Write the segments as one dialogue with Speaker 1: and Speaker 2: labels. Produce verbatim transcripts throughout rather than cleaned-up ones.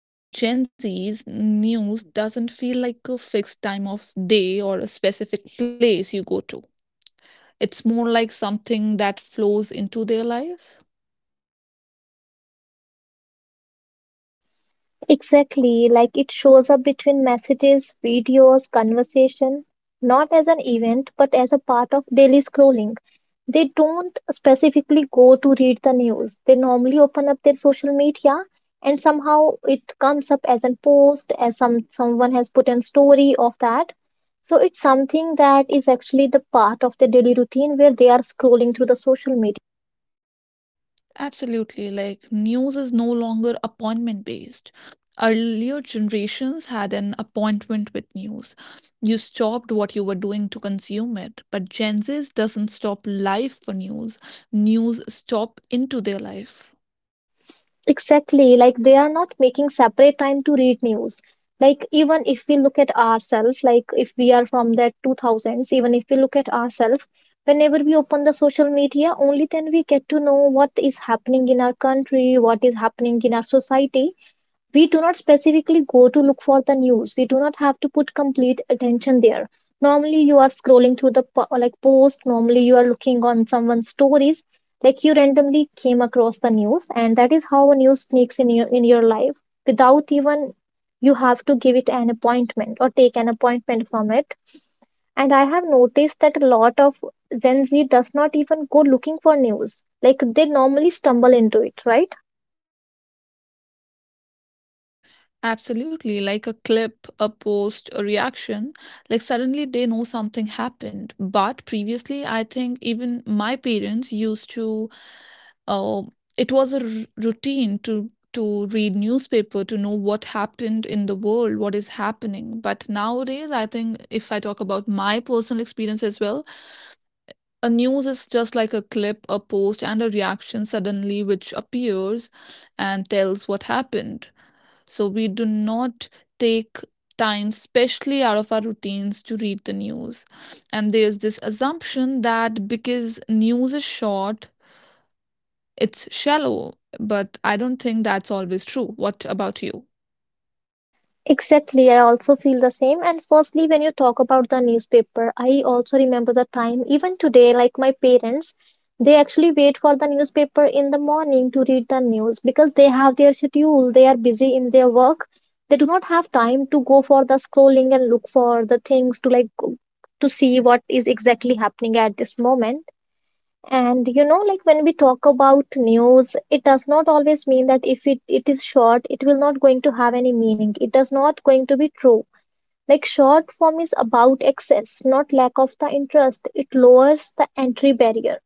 Speaker 1: Like for Gen Zs, news doesn't feel like a fixed time of day or a specific place you go to, it's more like something that flows into their life.
Speaker 2: Exactly, like it shows up between messages, videos, conversation, not as an event, but as a part of daily scrolling. They don't specifically go to read the news. They normally open up their social media and somehow it comes up as a post, as some someone has put in story of that. So it's something that is actually the part of their daily routine where they are scrolling through the social media.
Speaker 1: Absolutely. Like, news is no longer appointment based. Earlier generations had an appointment with news. You stopped what you were doing to consume it. But Gen Z doesn't stop life for news, news stop into their life.
Speaker 2: Exactly, like they are not making separate time to read news. Like even if we look at ourselves, like if we are from that two thousands, even if we look at ourselves, whenever we open the social media, only then we get to know what is happening in our country, what is happening in our society. We do not specifically go to look for the news. We do not have to put complete attention there. Normally, you are scrolling through the po- like post. Normally, you are looking on someone's stories. Like you randomly came across the news, and that is how a news sneaks in your in your life without even you have to give it an appointment or take an appointment from it. And I have noticed that a lot of Gen Z does not even go looking for news. Like they normally stumble into it, right?
Speaker 1: Absolutely. Like a clip, a post, a reaction. Like, suddenly they know something happened. But previously, I think even my parents used to Oh, it was a r- routine to to read newspaper to know what happened in the world, what is happening. But nowadays, I think if I talk about my personal experience as well, a news is just like a clip, a post, and a reaction suddenly which appears and tells what happened. So we do not take time, especially out of our routines, to read the news. And there's this assumption that because news is short, it's shallow, but I don't think that's always true. What about you?
Speaker 2: Exactly, I also feel the same. And firstly, when you talk about the newspaper, I also remember the time, even today, like my parents, they actually wait for the newspaper in the morning to read the news because they have their schedule, they are busy in their work. They do not have time to go for the scrolling and look for the things to like go- to see what is exactly happening at this moment, and you know, like when we talk about news, it does not always mean that if it, it is short, it will not going to have any meaning. It does not going to be true. Like short form is about access, not lack of the interest. It lowers the entry barrier.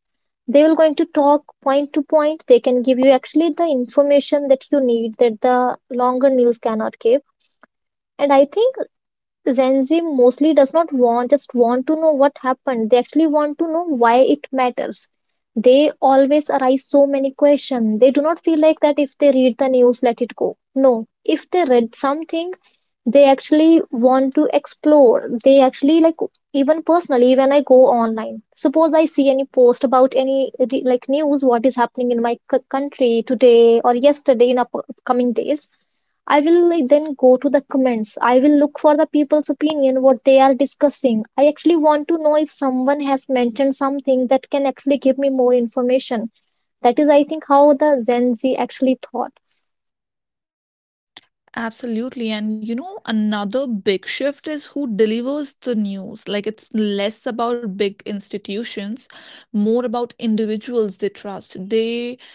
Speaker 2: They will going to talk point to point. They can give you actually the information that you need that the longer news cannot give. And I think Gen Z mostly does not want just want to know what happened. They actually want to know why it matters. They always arise so many questions. They do not feel like that if they read the news, let it go. No, if they read something, they actually want to explore. They actually like even personally when I go online. Suppose I see any post about any like news, what is happening in my c- country today or yesterday in upcoming days. I will like, then go to the comments. I will look for the people's opinion, what they are discussing. I actually want to know if someone has mentioned something that can actually give me more information. That is, I think, how the Gen Z actually thought.
Speaker 1: Absolutely. And you know, another big shift is who delivers the news. Like it's less about big institutions, more about individuals they trust. They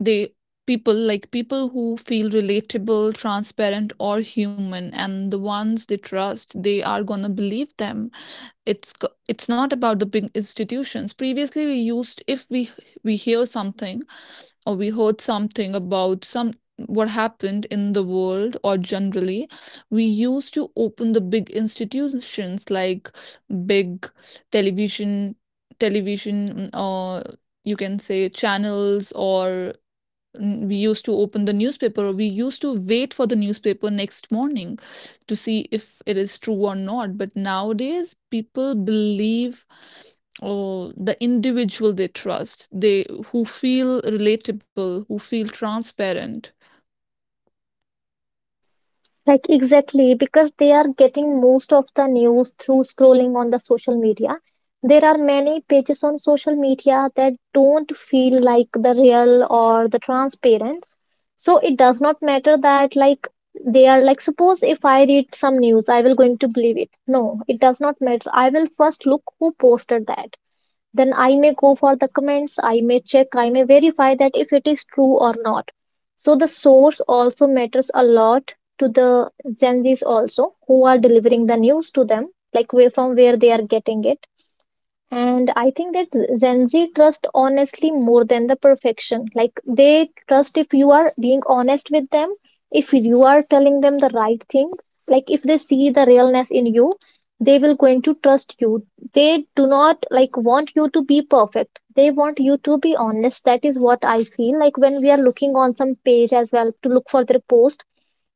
Speaker 1: they People like people who feel relatable, transparent or human and the ones they trust, they are going to believe them. It's c- it's not about the big institutions. Previously we used if we we hear something or we heard something about some what happened in the world or generally we used to open the big institutions like big television television mm, or you can say channels or N- we used to open the newspaper or we used to wait for the newspaper next morning to see if it is true or not, but nowadays people believe or the individual they trust, they who feel relatable, who feel transparent.
Speaker 2: Like, exactly, because they are getting most of the news through scrolling on the social media. There are many pages on social media that don't feel like the real or the transparent, so it does not matter that like they are like, suppose if I read some news, I will going to believe it. No, it does not matter. I will first look who posted that, then I may go for the comments, I may check, I may verify that if it is true or not. So the source also matters a lot to the Gen Z's also who are delivering the news to them, like where, from where they are getting it. And I think that Gen Z trust honestly more than the perfection. Like they trust if you are being honest with them, if you are telling them the right thing, like if they see the realness in you, they will going to trust you. They do not like want you to be perfect. They want you to be honest. That is what I feel like when we are looking on some page as well to look for their post,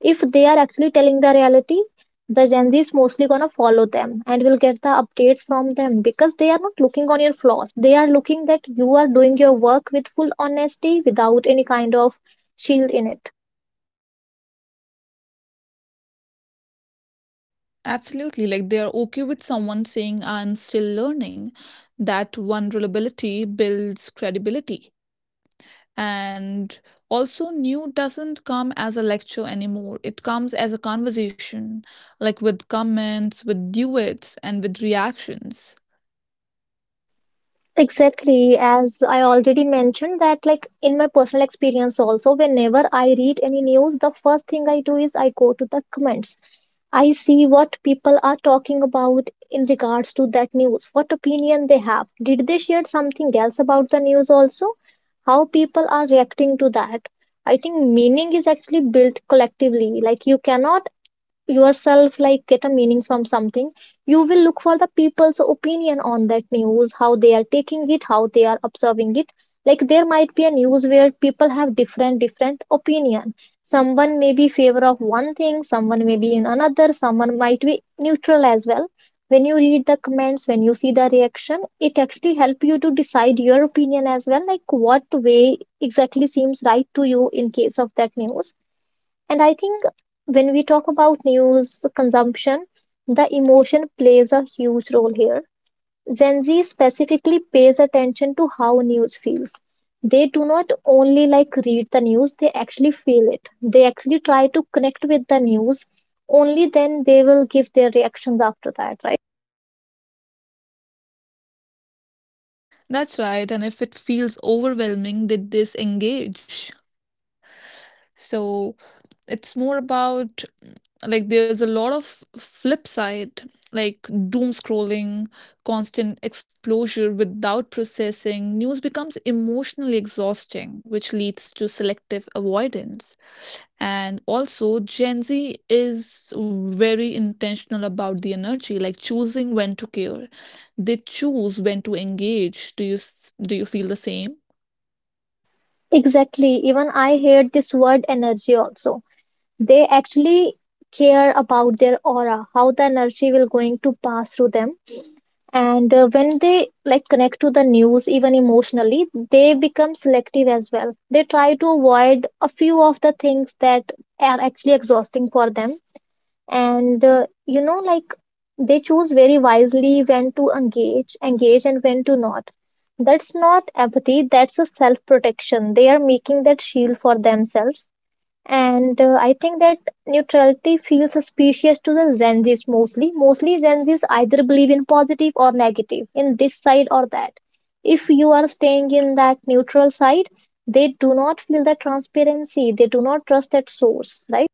Speaker 2: if they are actually telling the reality, the Gen Z is mostly going to follow them and will get the updates from them, because they are not looking on your flaws, they are looking that you are doing your work with full honesty without any kind of shield in it.
Speaker 1: Absolutely. Like they are okay with someone saying, "I'm still learning." That vulnerability builds credibility. And also, new doesn't come as a lecture anymore. It comes as a conversation, like with comments, with duets, and with reactions.
Speaker 2: Exactly, as I already mentioned that like in my personal experience also, whenever I read any news, the first thing I do is I go to the comments. I see what people are talking about in regards to that news, what opinion they have. Did they share something else about the news also? How people are reacting to that? I think meaning is actually built collectively. Like you cannot yourself like get a meaning from something. You will look for the people's opinion on that news, how they are taking it, how they are observing it. Like there might be a news where people have different different opinion, someone may be favor of one thing, someone may be in another, someone might be neutral as well. When you read the comments, when you see the reaction, it actually help you to decide your opinion as well, like what way exactly seems right to you in case of that news. And I think when we talk about news consumption, the emotion plays a huge role here. Gen Z specifically pays attention to how news feels. They do not only like read the news, they actually feel it. They actually try to connect with the news. Only then they will give their reactions after that, right?
Speaker 1: That's right. And if it feels overwhelming, they disengage. So, it's more about, like, there's a lot of flip side, like doom scrolling, constant exposure without processing news becomes emotionally exhausting, which leads to selective avoidance. And also Gen Z is very intentional about the energy, like choosing when to care, they choose when to engage. Do you s- do you feel the same?
Speaker 2: Exactly. Even I heard this word energy also. They actually care about their aura, how the energy will going to pass through them, and uh, when they like connect to the news even emotionally, they become selective as well. They try to avoid a few of the things that are actually exhausting for them. And uh, you know, like they choose very wisely when to engage engage and when to not. That's not empathy, that's a self protection. They are making that shield for themselves. And uh, I think that neutrality feels suspicious to the Zenzis. Mostly mostly Zenzis either believe in positive or negative, in this side or that. If you are staying in that neutral side, they do not feel the transparency, they do not trust that source, right?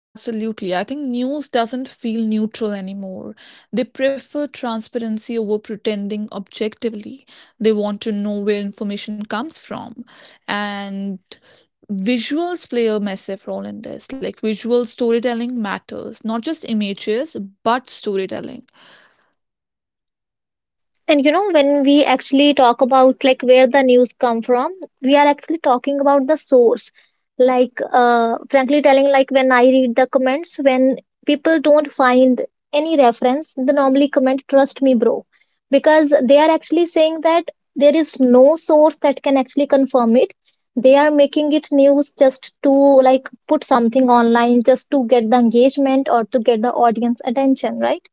Speaker 1: Absolutely. I think news doesn't feel neutral anymore. They prefer transparency over pretending objectively. They want to know where information comes from. And visuals play a massive role in this. Like visual storytelling matters, not just images, but storytelling.
Speaker 2: And you know, when we actually talk about like where the news come from, we are actually talking about the source. Like, uh, frankly telling, like when I read the comments, when people don't find any reference, they normally comment, "Trust me, bro," because they are actually saying that there is no source that can actually confirm it. They are making it news just to like put something online, just to get the engagement or to get the audience attention, right?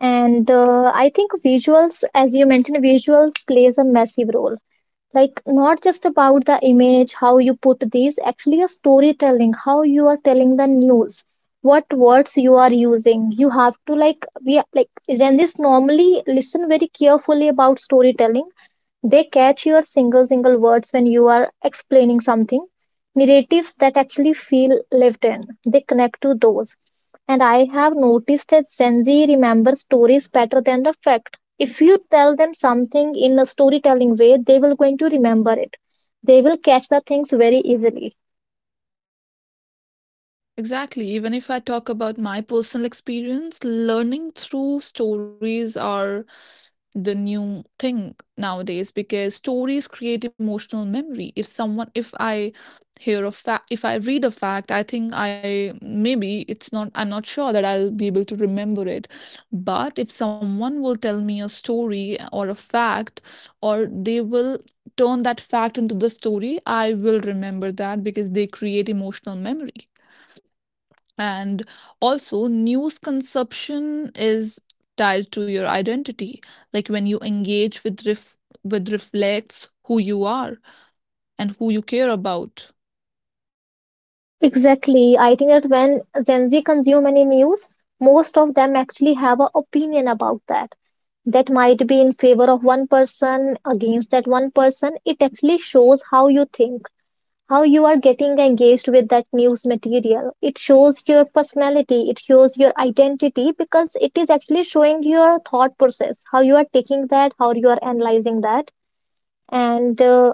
Speaker 2: And uh, I think visuals, as you mentioned, visuals plays a massive role, like not just about the image, how you put these, actually a storytelling, how you are telling the news, what words you are using. You have to like, we like Ranjis normally listen very carefully about storytelling. They catch your single single words when you are explaining something. Narratives that actually feel lived in. They connect to those. And I have noticed that Gen Z remember stories better than the fact. If you tell them something in a storytelling way, they will going to remember it. They will catch the things very easily.
Speaker 1: Exactly. Even if I talk about my personal experience, learning through stories are the new thing nowadays, because stories create emotional memory. If someone if I hear a fact, if I read a fact, I think I maybe it's not I'm not sure that I'll be able to remember it. But if someone will tell me a story or a fact, or they will turn that fact into the story, I will remember that because they create emotional memory. And also, news consumption is tied to your identity. Like when you engage with ref- with reflects who you are and who you care about.
Speaker 2: Exactly. I think that when Gen Z consume any news, most of them actually have an opinion about that. That might be in favor of one person against that one person. It actually shows how you think, how you are getting engaged with that news material. It shows your personality, it shows your identity, because it is actually showing your thought process, how you are taking that, how you are analyzing that. And uh,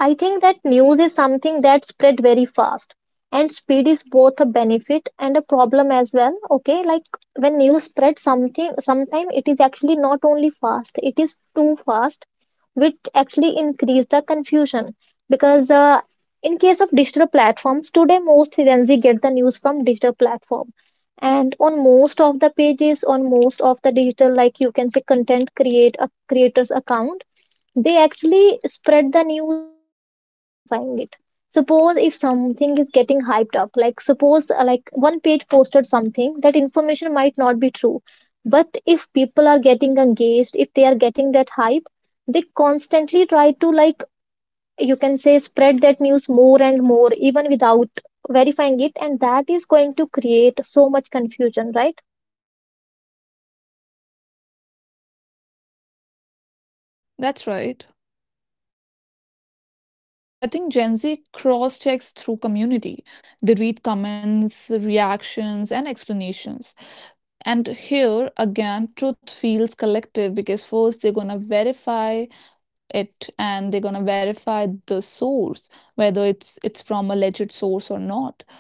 Speaker 2: I think that news is something that spread very fast, and speed is both a benefit and a problem as well. Okay, like when news spread something, sometimes it is actually not only fast, it is too fast, which actually increase the confusion because uh, in case of digital platforms today most Gen Z get the news from digital platform, and on most of the pages on most of the digital, like you can say content create a creator's account, they actually spread the news without even verifying it. Suppose if something is getting hyped up, like suppose uh, like one page posted something, that information might not be true, but if people are getting engaged, if they are getting that hype, they constantly try to, like you can say, spread that news more and more even without verifying it, and that is going to create so much confusion, right?
Speaker 1: That's right. Because I think Gen Z cross checks through community. They read comments, reactions, and explanations. And here again, truth feels collective because first they're gonna verify it and they're going to verify the source, whether it's it's from a legit source or not.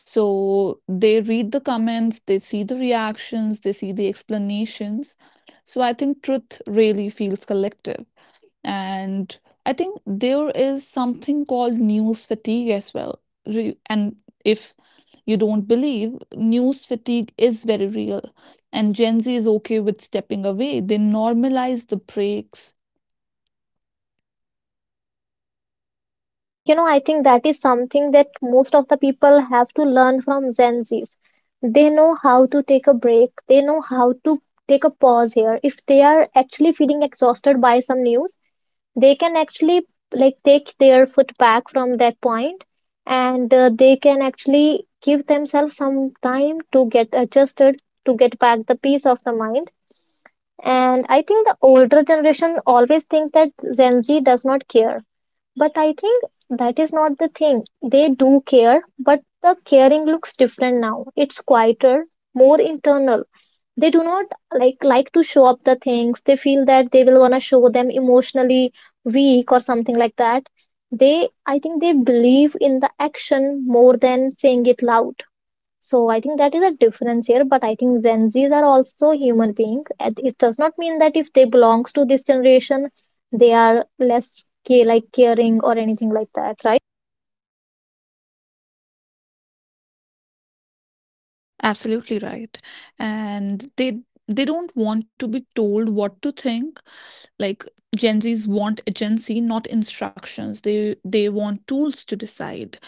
Speaker 1: So they read the comments, they see the reactions, they see the explanations. So I think truth really feels collective. And I think there is something called news fatigue as well. Re- and If you don't believe, news fatigue is very real, and Gen Z is okay with stepping away, they normalize the breaks.
Speaker 2: And you know, I think that is something that most of the people have to learn from Gen Zs. They know how to take a break, they know how to take a pause here. If they are actually feeling exhausted by some news, they can actually like take their foot back from that point, and uh, they can actually give themselves some time to get adjusted, to get back the peace of the mind. And I think the older generation always think that Gen Z does not care, but I think that is not the thing. They do care, but the caring looks different now. It's quieter, more internal. They do not like like to show up the things. They feel that they will gonna show them emotionally weak or something like that. They I think they believe in the action more than saying it loud. So I think that is a difference here. But I think Gen Zs are also human beings. It does not mean that if they belongs to this generation, they are less ca- like caring or anything like that, right?
Speaker 1: Absolutely right. And they they don't want to be told what to think. Like Gen Zs want agency, not instructions. They they want tools to decide.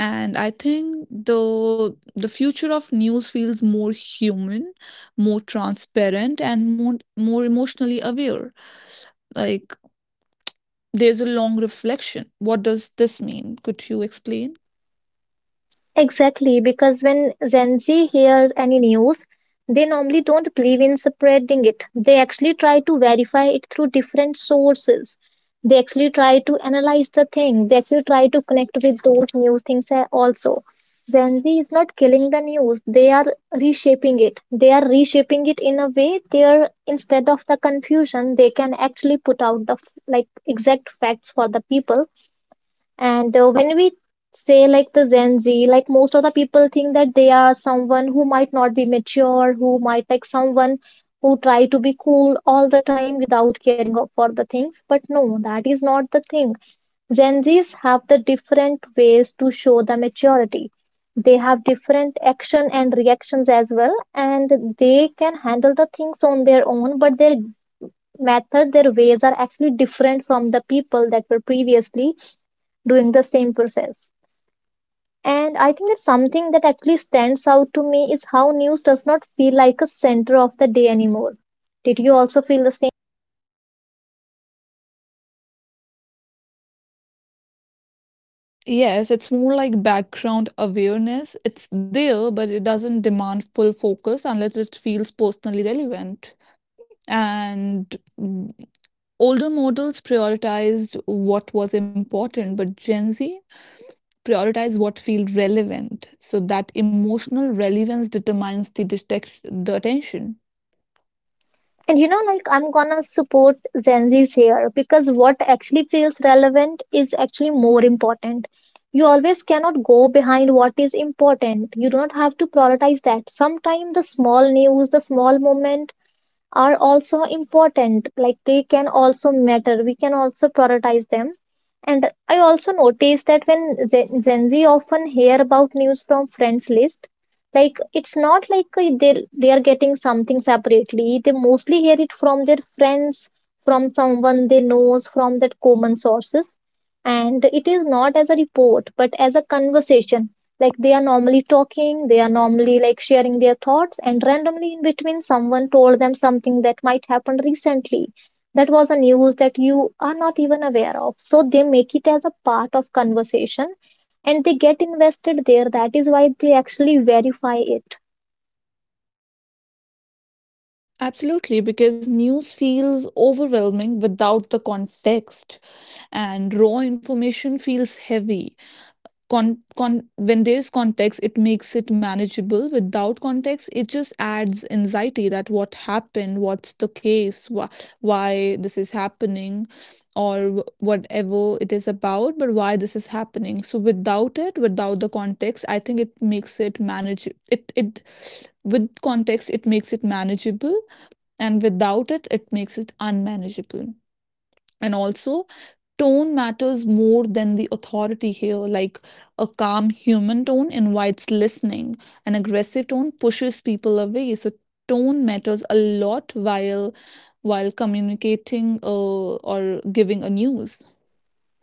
Speaker 1: And I think the the future of news feels more human, more transparent, and more more emotionally aware. Like there's a long reflection. What does this mean? Could you explain?
Speaker 2: Exactly, because when Gen Z hears any news, they normally don't believe in spreading it. They actually try to verify it through different sources. They actually try to analyze the thing. They actually try to connect with those news things a- also. Gen Z is not killing the news. They are reshaping it. They are reshaping it in a way. They are, instead of the confusion, they can actually put out the f- like exact facts for the people. And uh, when we say like the Gen Z, like most of the people think that they are someone who might not be mature, who might like someone who try to be cool all the time without caring of- for the things. But no, that is not the thing. Gen Zs have the different ways to show the maturity. They have different action and reactions as well, and they can handle the things on their own, but their method, their ways are actually different from the people that were previously doing the same process. And I think that something that actually stands out to me is how news does not feel like a center of the day anymore. Did you also feel the same?
Speaker 1: Yes, it's more like background awareness. It's there, but it doesn't demand full focus unless it feels personally relevant. And mm, Older models prioritized what was important, but Gen Z prioritized what feels relevant. So that emotional relevance determines the detect- the attention.
Speaker 2: And you know, like I'm gonna support Gen Z's here because what actually feels relevant is actually more important. You always cannot go behind what is important. You do not have to prioritize that. Sometimes the small news, the small moment, are also important, like they can also matter, we can also prioritize them. And I also noticed that when Gen Gen z often hear about news from friends list, like it's not like uh, they they are getting something separately, they mostly hear it from their friends, from someone they knows, from that common sources, and it is not as a report but as a conversation. Like they are normally talking, they are normally like sharing their thoughts, and randomly in between, someone told them something that might happen recently. That was a news that you are not even aware of. So they make it as a part of conversation and they get invested there. That is why they actually verify it.
Speaker 1: Absolutely, because news feels overwhelming without the context, and raw information feels heavy. Con, con When there's context it makes it manageable. Without context it just adds anxiety, that what happened, what's the case, wh- why this is happening, or wh- whatever it is about, but why this is happening. So without it, without the context, I think it makes it manage it it with context it makes it manageable, and without it it makes it unmanageable. And also tone matters more than the authority here. Like a calm human tone invites listening, an aggressive tone pushes people away. So tone matters a lot while while communicating uh, or giving a news.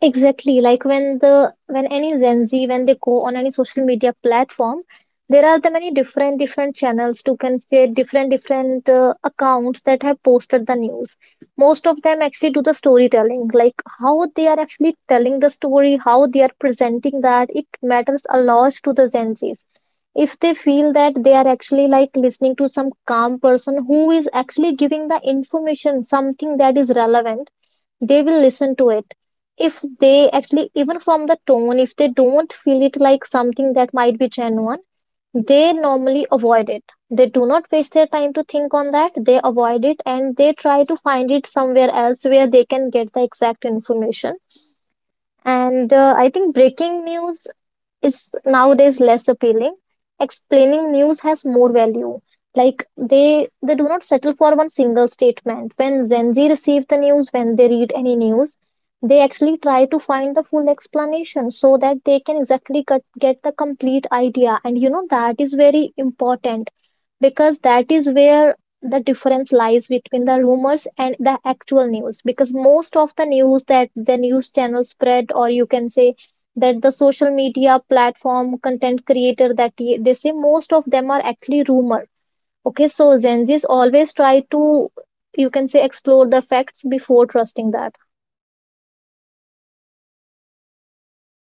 Speaker 2: Exactly. Like when the when any Gen Z when they go on any social media platform, there are the many different different channels to can say different different uh, accounts that have posted the news. Most of them actually do the storytelling, like how they are actually telling the story, how they are presenting that. It matters a lot to the Gen Zs. If they feel that they are actually like listening to some calm person who is actually giving the information, something that is relevant, they will listen to it. If they actually, even from the tone, if they don't feel it like something that might be genuine, they normally avoid it. They do not waste their time to think on that, they avoid it and they try to find it somewhere else where they can get the exact information. And uh, I think breaking news is nowadays less appealing. Explaining news has more value. Like they they do not settle for one single statement. When Gen Z receive the news, when they read any news, they actually try to find the full explanation so that they can exactly get, get the complete idea. And you know that is very important because that is where the difference lies between the rumors and the actual news, because most of the news that the news channel spread, or you can say that the social media platform content creator, that y- they say, most of them are actually rumor. Okay, so Gen Z's always try to, you can say, explore the facts before trusting that.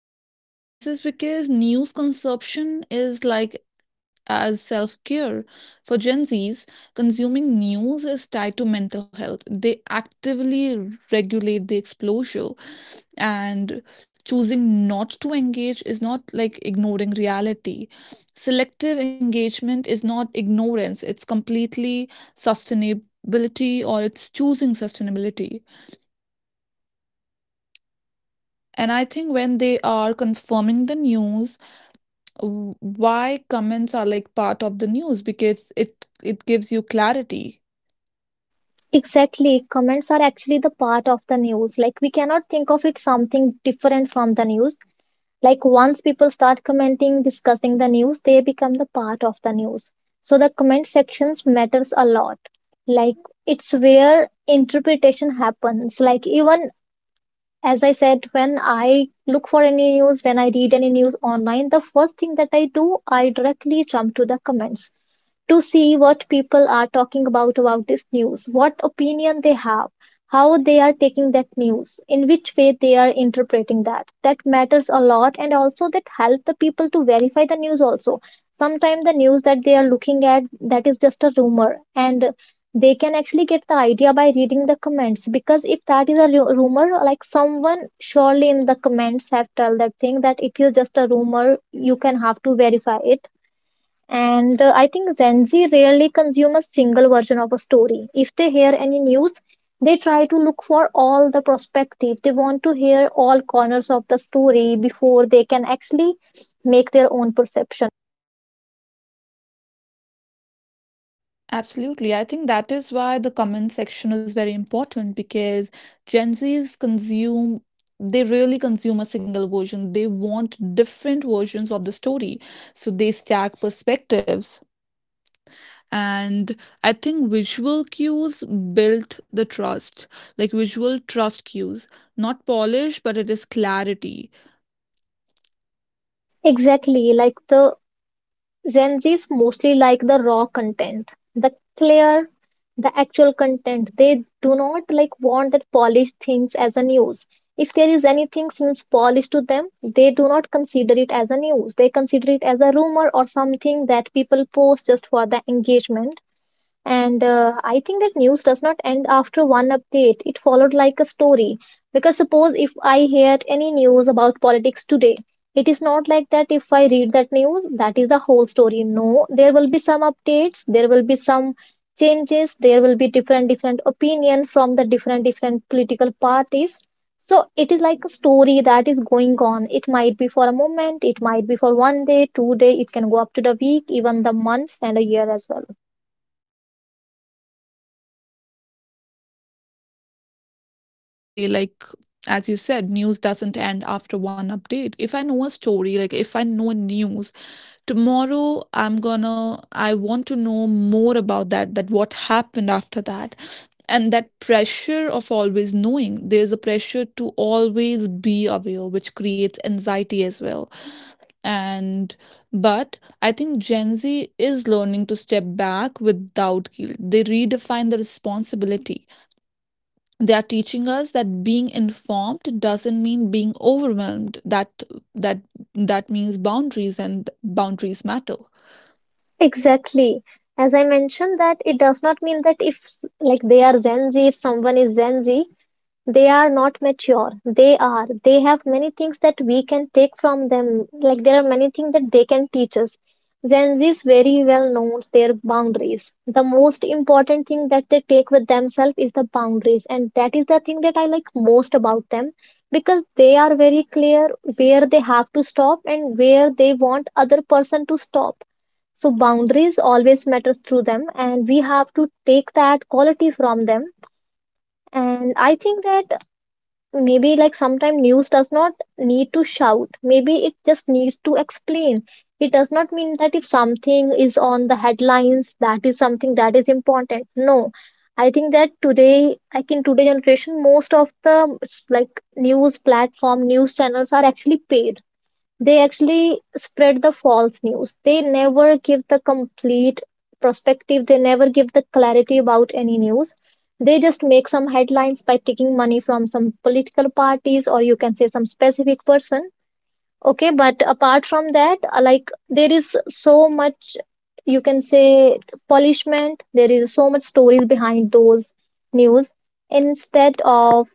Speaker 1: And I think this is because news consumption is like as self care. For Gen Zs, consuming news is tied to mental health. They actively regulate the exposure. And choosing not to engage is not like ignoring reality, selective engagement is not ignorance, it's completely sustainability, or it's choosing sustainability. And I think when they are confirming the news, w- why comments are like part of the news, because it it gives you clarity.
Speaker 2: Exactly, comments are actually the part of the news. Like we cannot think of it something different from the news. Like once people start commenting, discussing the news, they become the part of the news. So the comment sections matters a lot. Like it's where interpretation happens. Like even as I said, when I look for any news, when I read any news online, the first thing that I do, I directly jump to the comments to see what people are talking about about this news, what opinion they have, how they are taking that news, in which way they are interpreting that. That matters a lot, and also that help the people to verify the news also. Sometimes the news that they are looking at, that is just a rumor, and they can actually get the idea by reading the comments, because if that is a ru- rumor, like someone surely in the comments have told that thing, that it is just a rumor, you can have to verify it. And uh, I think Gen Z rarely consume a single version of a story. If they hear any news, they try to look for all the perspective. They want to hear all corners of the story before they can actually make their own perception.
Speaker 1: Absolutely. I think that is why the comment section is very important, because Gen Zs consume, they really consume a single version. They want different versions of the story. So they stack perspectives. And I think visual cues built the trust, like visual trust cues, not polish but it is clarity.
Speaker 2: Exactly, like the Gen-Zs mostly like the raw content, the clear, the actual content. They do not like want that polished things as a news. If there is anything seems polished to them, they do not consider it as a news. They consider it as a rumor or something that people post just for the engagement. And uh, I think that news does not end after one update. It followed like a story. Because suppose if I hear any news about politics today, it is not like that if I read that news, that is the whole story. No, there will be some updates, there will be some changes, there will be different different opinion from the different different political parties. So it is like a story that is going on. It might be for a moment, it might be for one day, two day, it can go up to the week, even the months and a year as well.
Speaker 1: Absolutely. Like, as you said, news doesn't end after one update. If I know a story, like if I know news, tomorrow I'm gonna, I want to know more about that, that what happened after that. And that pressure of always knowing, there's a pressure to always be aware, which creates anxiety as well. And, but I think Gen Z is learning to step back without guilt. They redefine the responsibility, they are teaching us that being informed doesn't mean being overwhelmed, that that that means boundaries, and boundaries matter.
Speaker 2: Exactly. As I mentioned that it does not mean that if like they are Gen Z, if someone is Gen Z, they are not mature. They are. They have many things that we can take from them. Like there are many things that they can teach us. Gen Zs very well knows their boundaries. The most important thing that they take with themselves is the boundaries, and that is the thing that I like most about them, because they are very clear where they have to stop and where they want other person to stop. So boundaries always matters through them, and we have to take that quality from them. And I think that maybe like sometimes news does not need to shout, maybe it just needs to explain. It does not mean that if something is on the headlines, that is something that is important. No, I think that today, like in today generation, most of the like news platform, news channels are actually paid. They actually spread the false news. They never give the complete perspective, they never give the clarity about any news. They just make some headlines by taking money from some political parties, or you can say some specific person. Okay, but apart from that, uh, like there is so much, you can say, polishment, there is so much stories behind those news instead of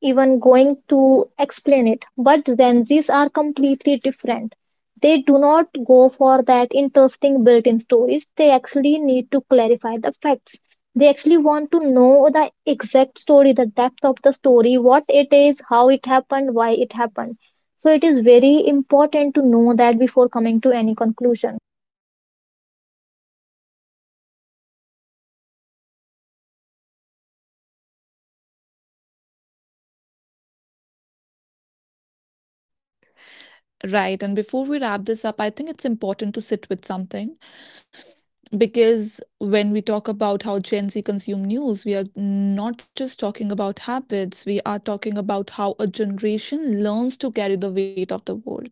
Speaker 2: even going to explain it. But Gen Zs are completely different. They do not go for that interesting built in stories. They actually need to clarify the facts. They actually want to know the exact story, the depth of the story, what it is, how it happened, why it happened. So it is very important to know that before coming to any conclusion.
Speaker 1: Right, and before we wrap this up, I think it's important to sit with something, because when we talk about how Gen Z consume news, we are not just talking about habits, we are talking about how a generation learns to carry the weight of the world.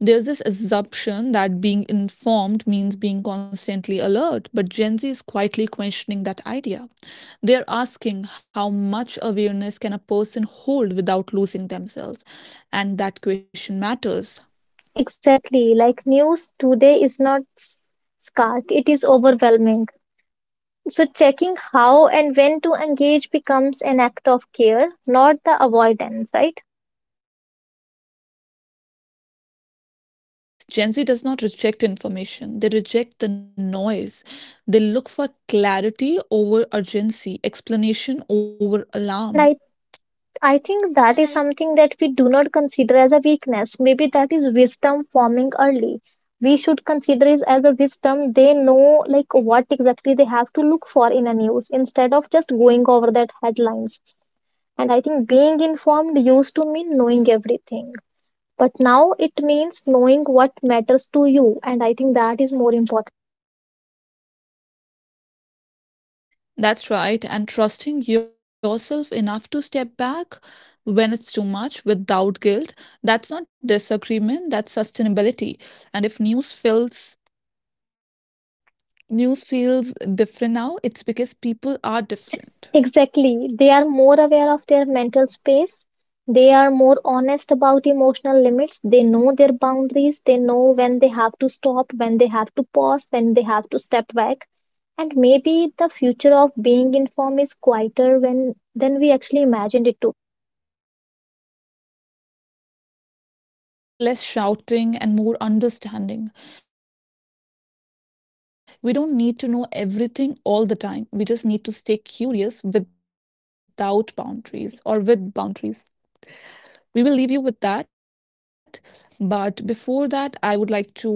Speaker 1: There's this assumption that being informed means being constantly alert, but Gen Z is quietly questioning that idea. They are asking, how much awareness can a person hold without losing themselves? And that question matters.
Speaker 2: Exactly, like news today is not s- stark, it is overwhelming. So, checking how and when to engage becomes an act of care, not the avoidance, right?
Speaker 1: Yes, Gen Z does not reject information, they reject the noise. They look for clarity over urgency, explanation over alarm.
Speaker 2: And I, I think that is something that we do not consider as a weakness. Maybe that is wisdom forming early. We should consider it as a wisdom. They know like what exactly they have to look for in a news instead of just going over that headlines. And I think being informed used to mean knowing everything. But now it means knowing what matters to you. And I think that is more important.
Speaker 1: That's right, and trusting yourself enough to step back when it's too much without guilt, that's not disagreement, that's sustainability. And if news feels news feels different now, it's because people are different.
Speaker 2: Exactly. They are more aware of their mental space. They are more honest about emotional limits. They know their boundaries. They know when they have to stop, when they have to pause, when they have to step back. And maybe the future of being informed is quieter when than we actually imagined it to.
Speaker 1: Yes, it's less shouting and more understanding. We don't need to know everything all the time. We just need to stay curious without boundaries or with boundaries. We will leave you with that. But before that, I would like to say that,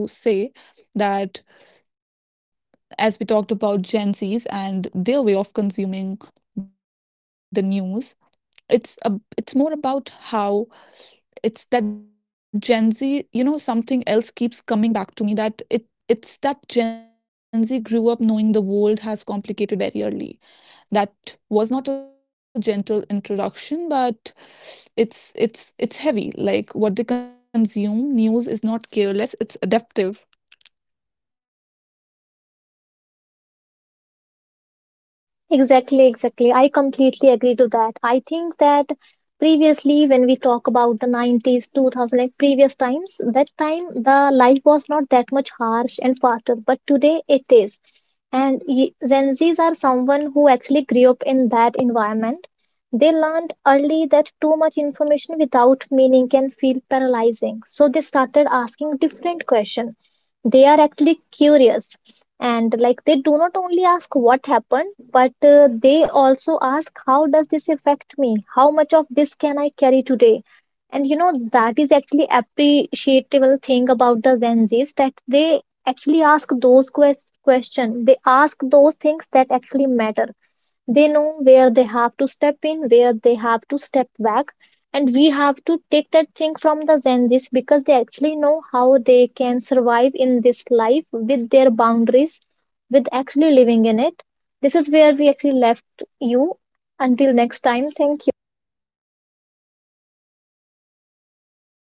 Speaker 1: as we talked about Gen Zs and their way of consuming the news, it's a, it's more about how, it's that Gen Z, you know, something else keeps coming back to me, that it it's that Gen Z grew up knowing the world has complicated very early. That was not a gentle introduction, but it's it's it's heavy. Like what they consume, news is not careless, it's adaptive.
Speaker 2: Exactly, exactly. I completely agree to that. I think that previously, when we talk about the nineties, two thousand, like previous times, that time the life was not that much harsh and faster, but today it is. And y- Gen Zs are someone who actually grew up in that environment. They learned early that too much information without meaning can feel paralyzing. So they started asking different questions. They are actually curious. And like they do not only ask what happened, but uh, they also ask, how does this affect me? How much of this can I carry today? And you know that is actually appreciable thing about the Gen Zs, that they actually ask those quest- questions. They ask those things that actually matter. They know where they have to step in, where they have to step back. And we have to take that thing from the Gen Zs, because they actually know how they can survive in this life with their boundaries, with actually living in it. This is where we actually left you. Until next time, thank you.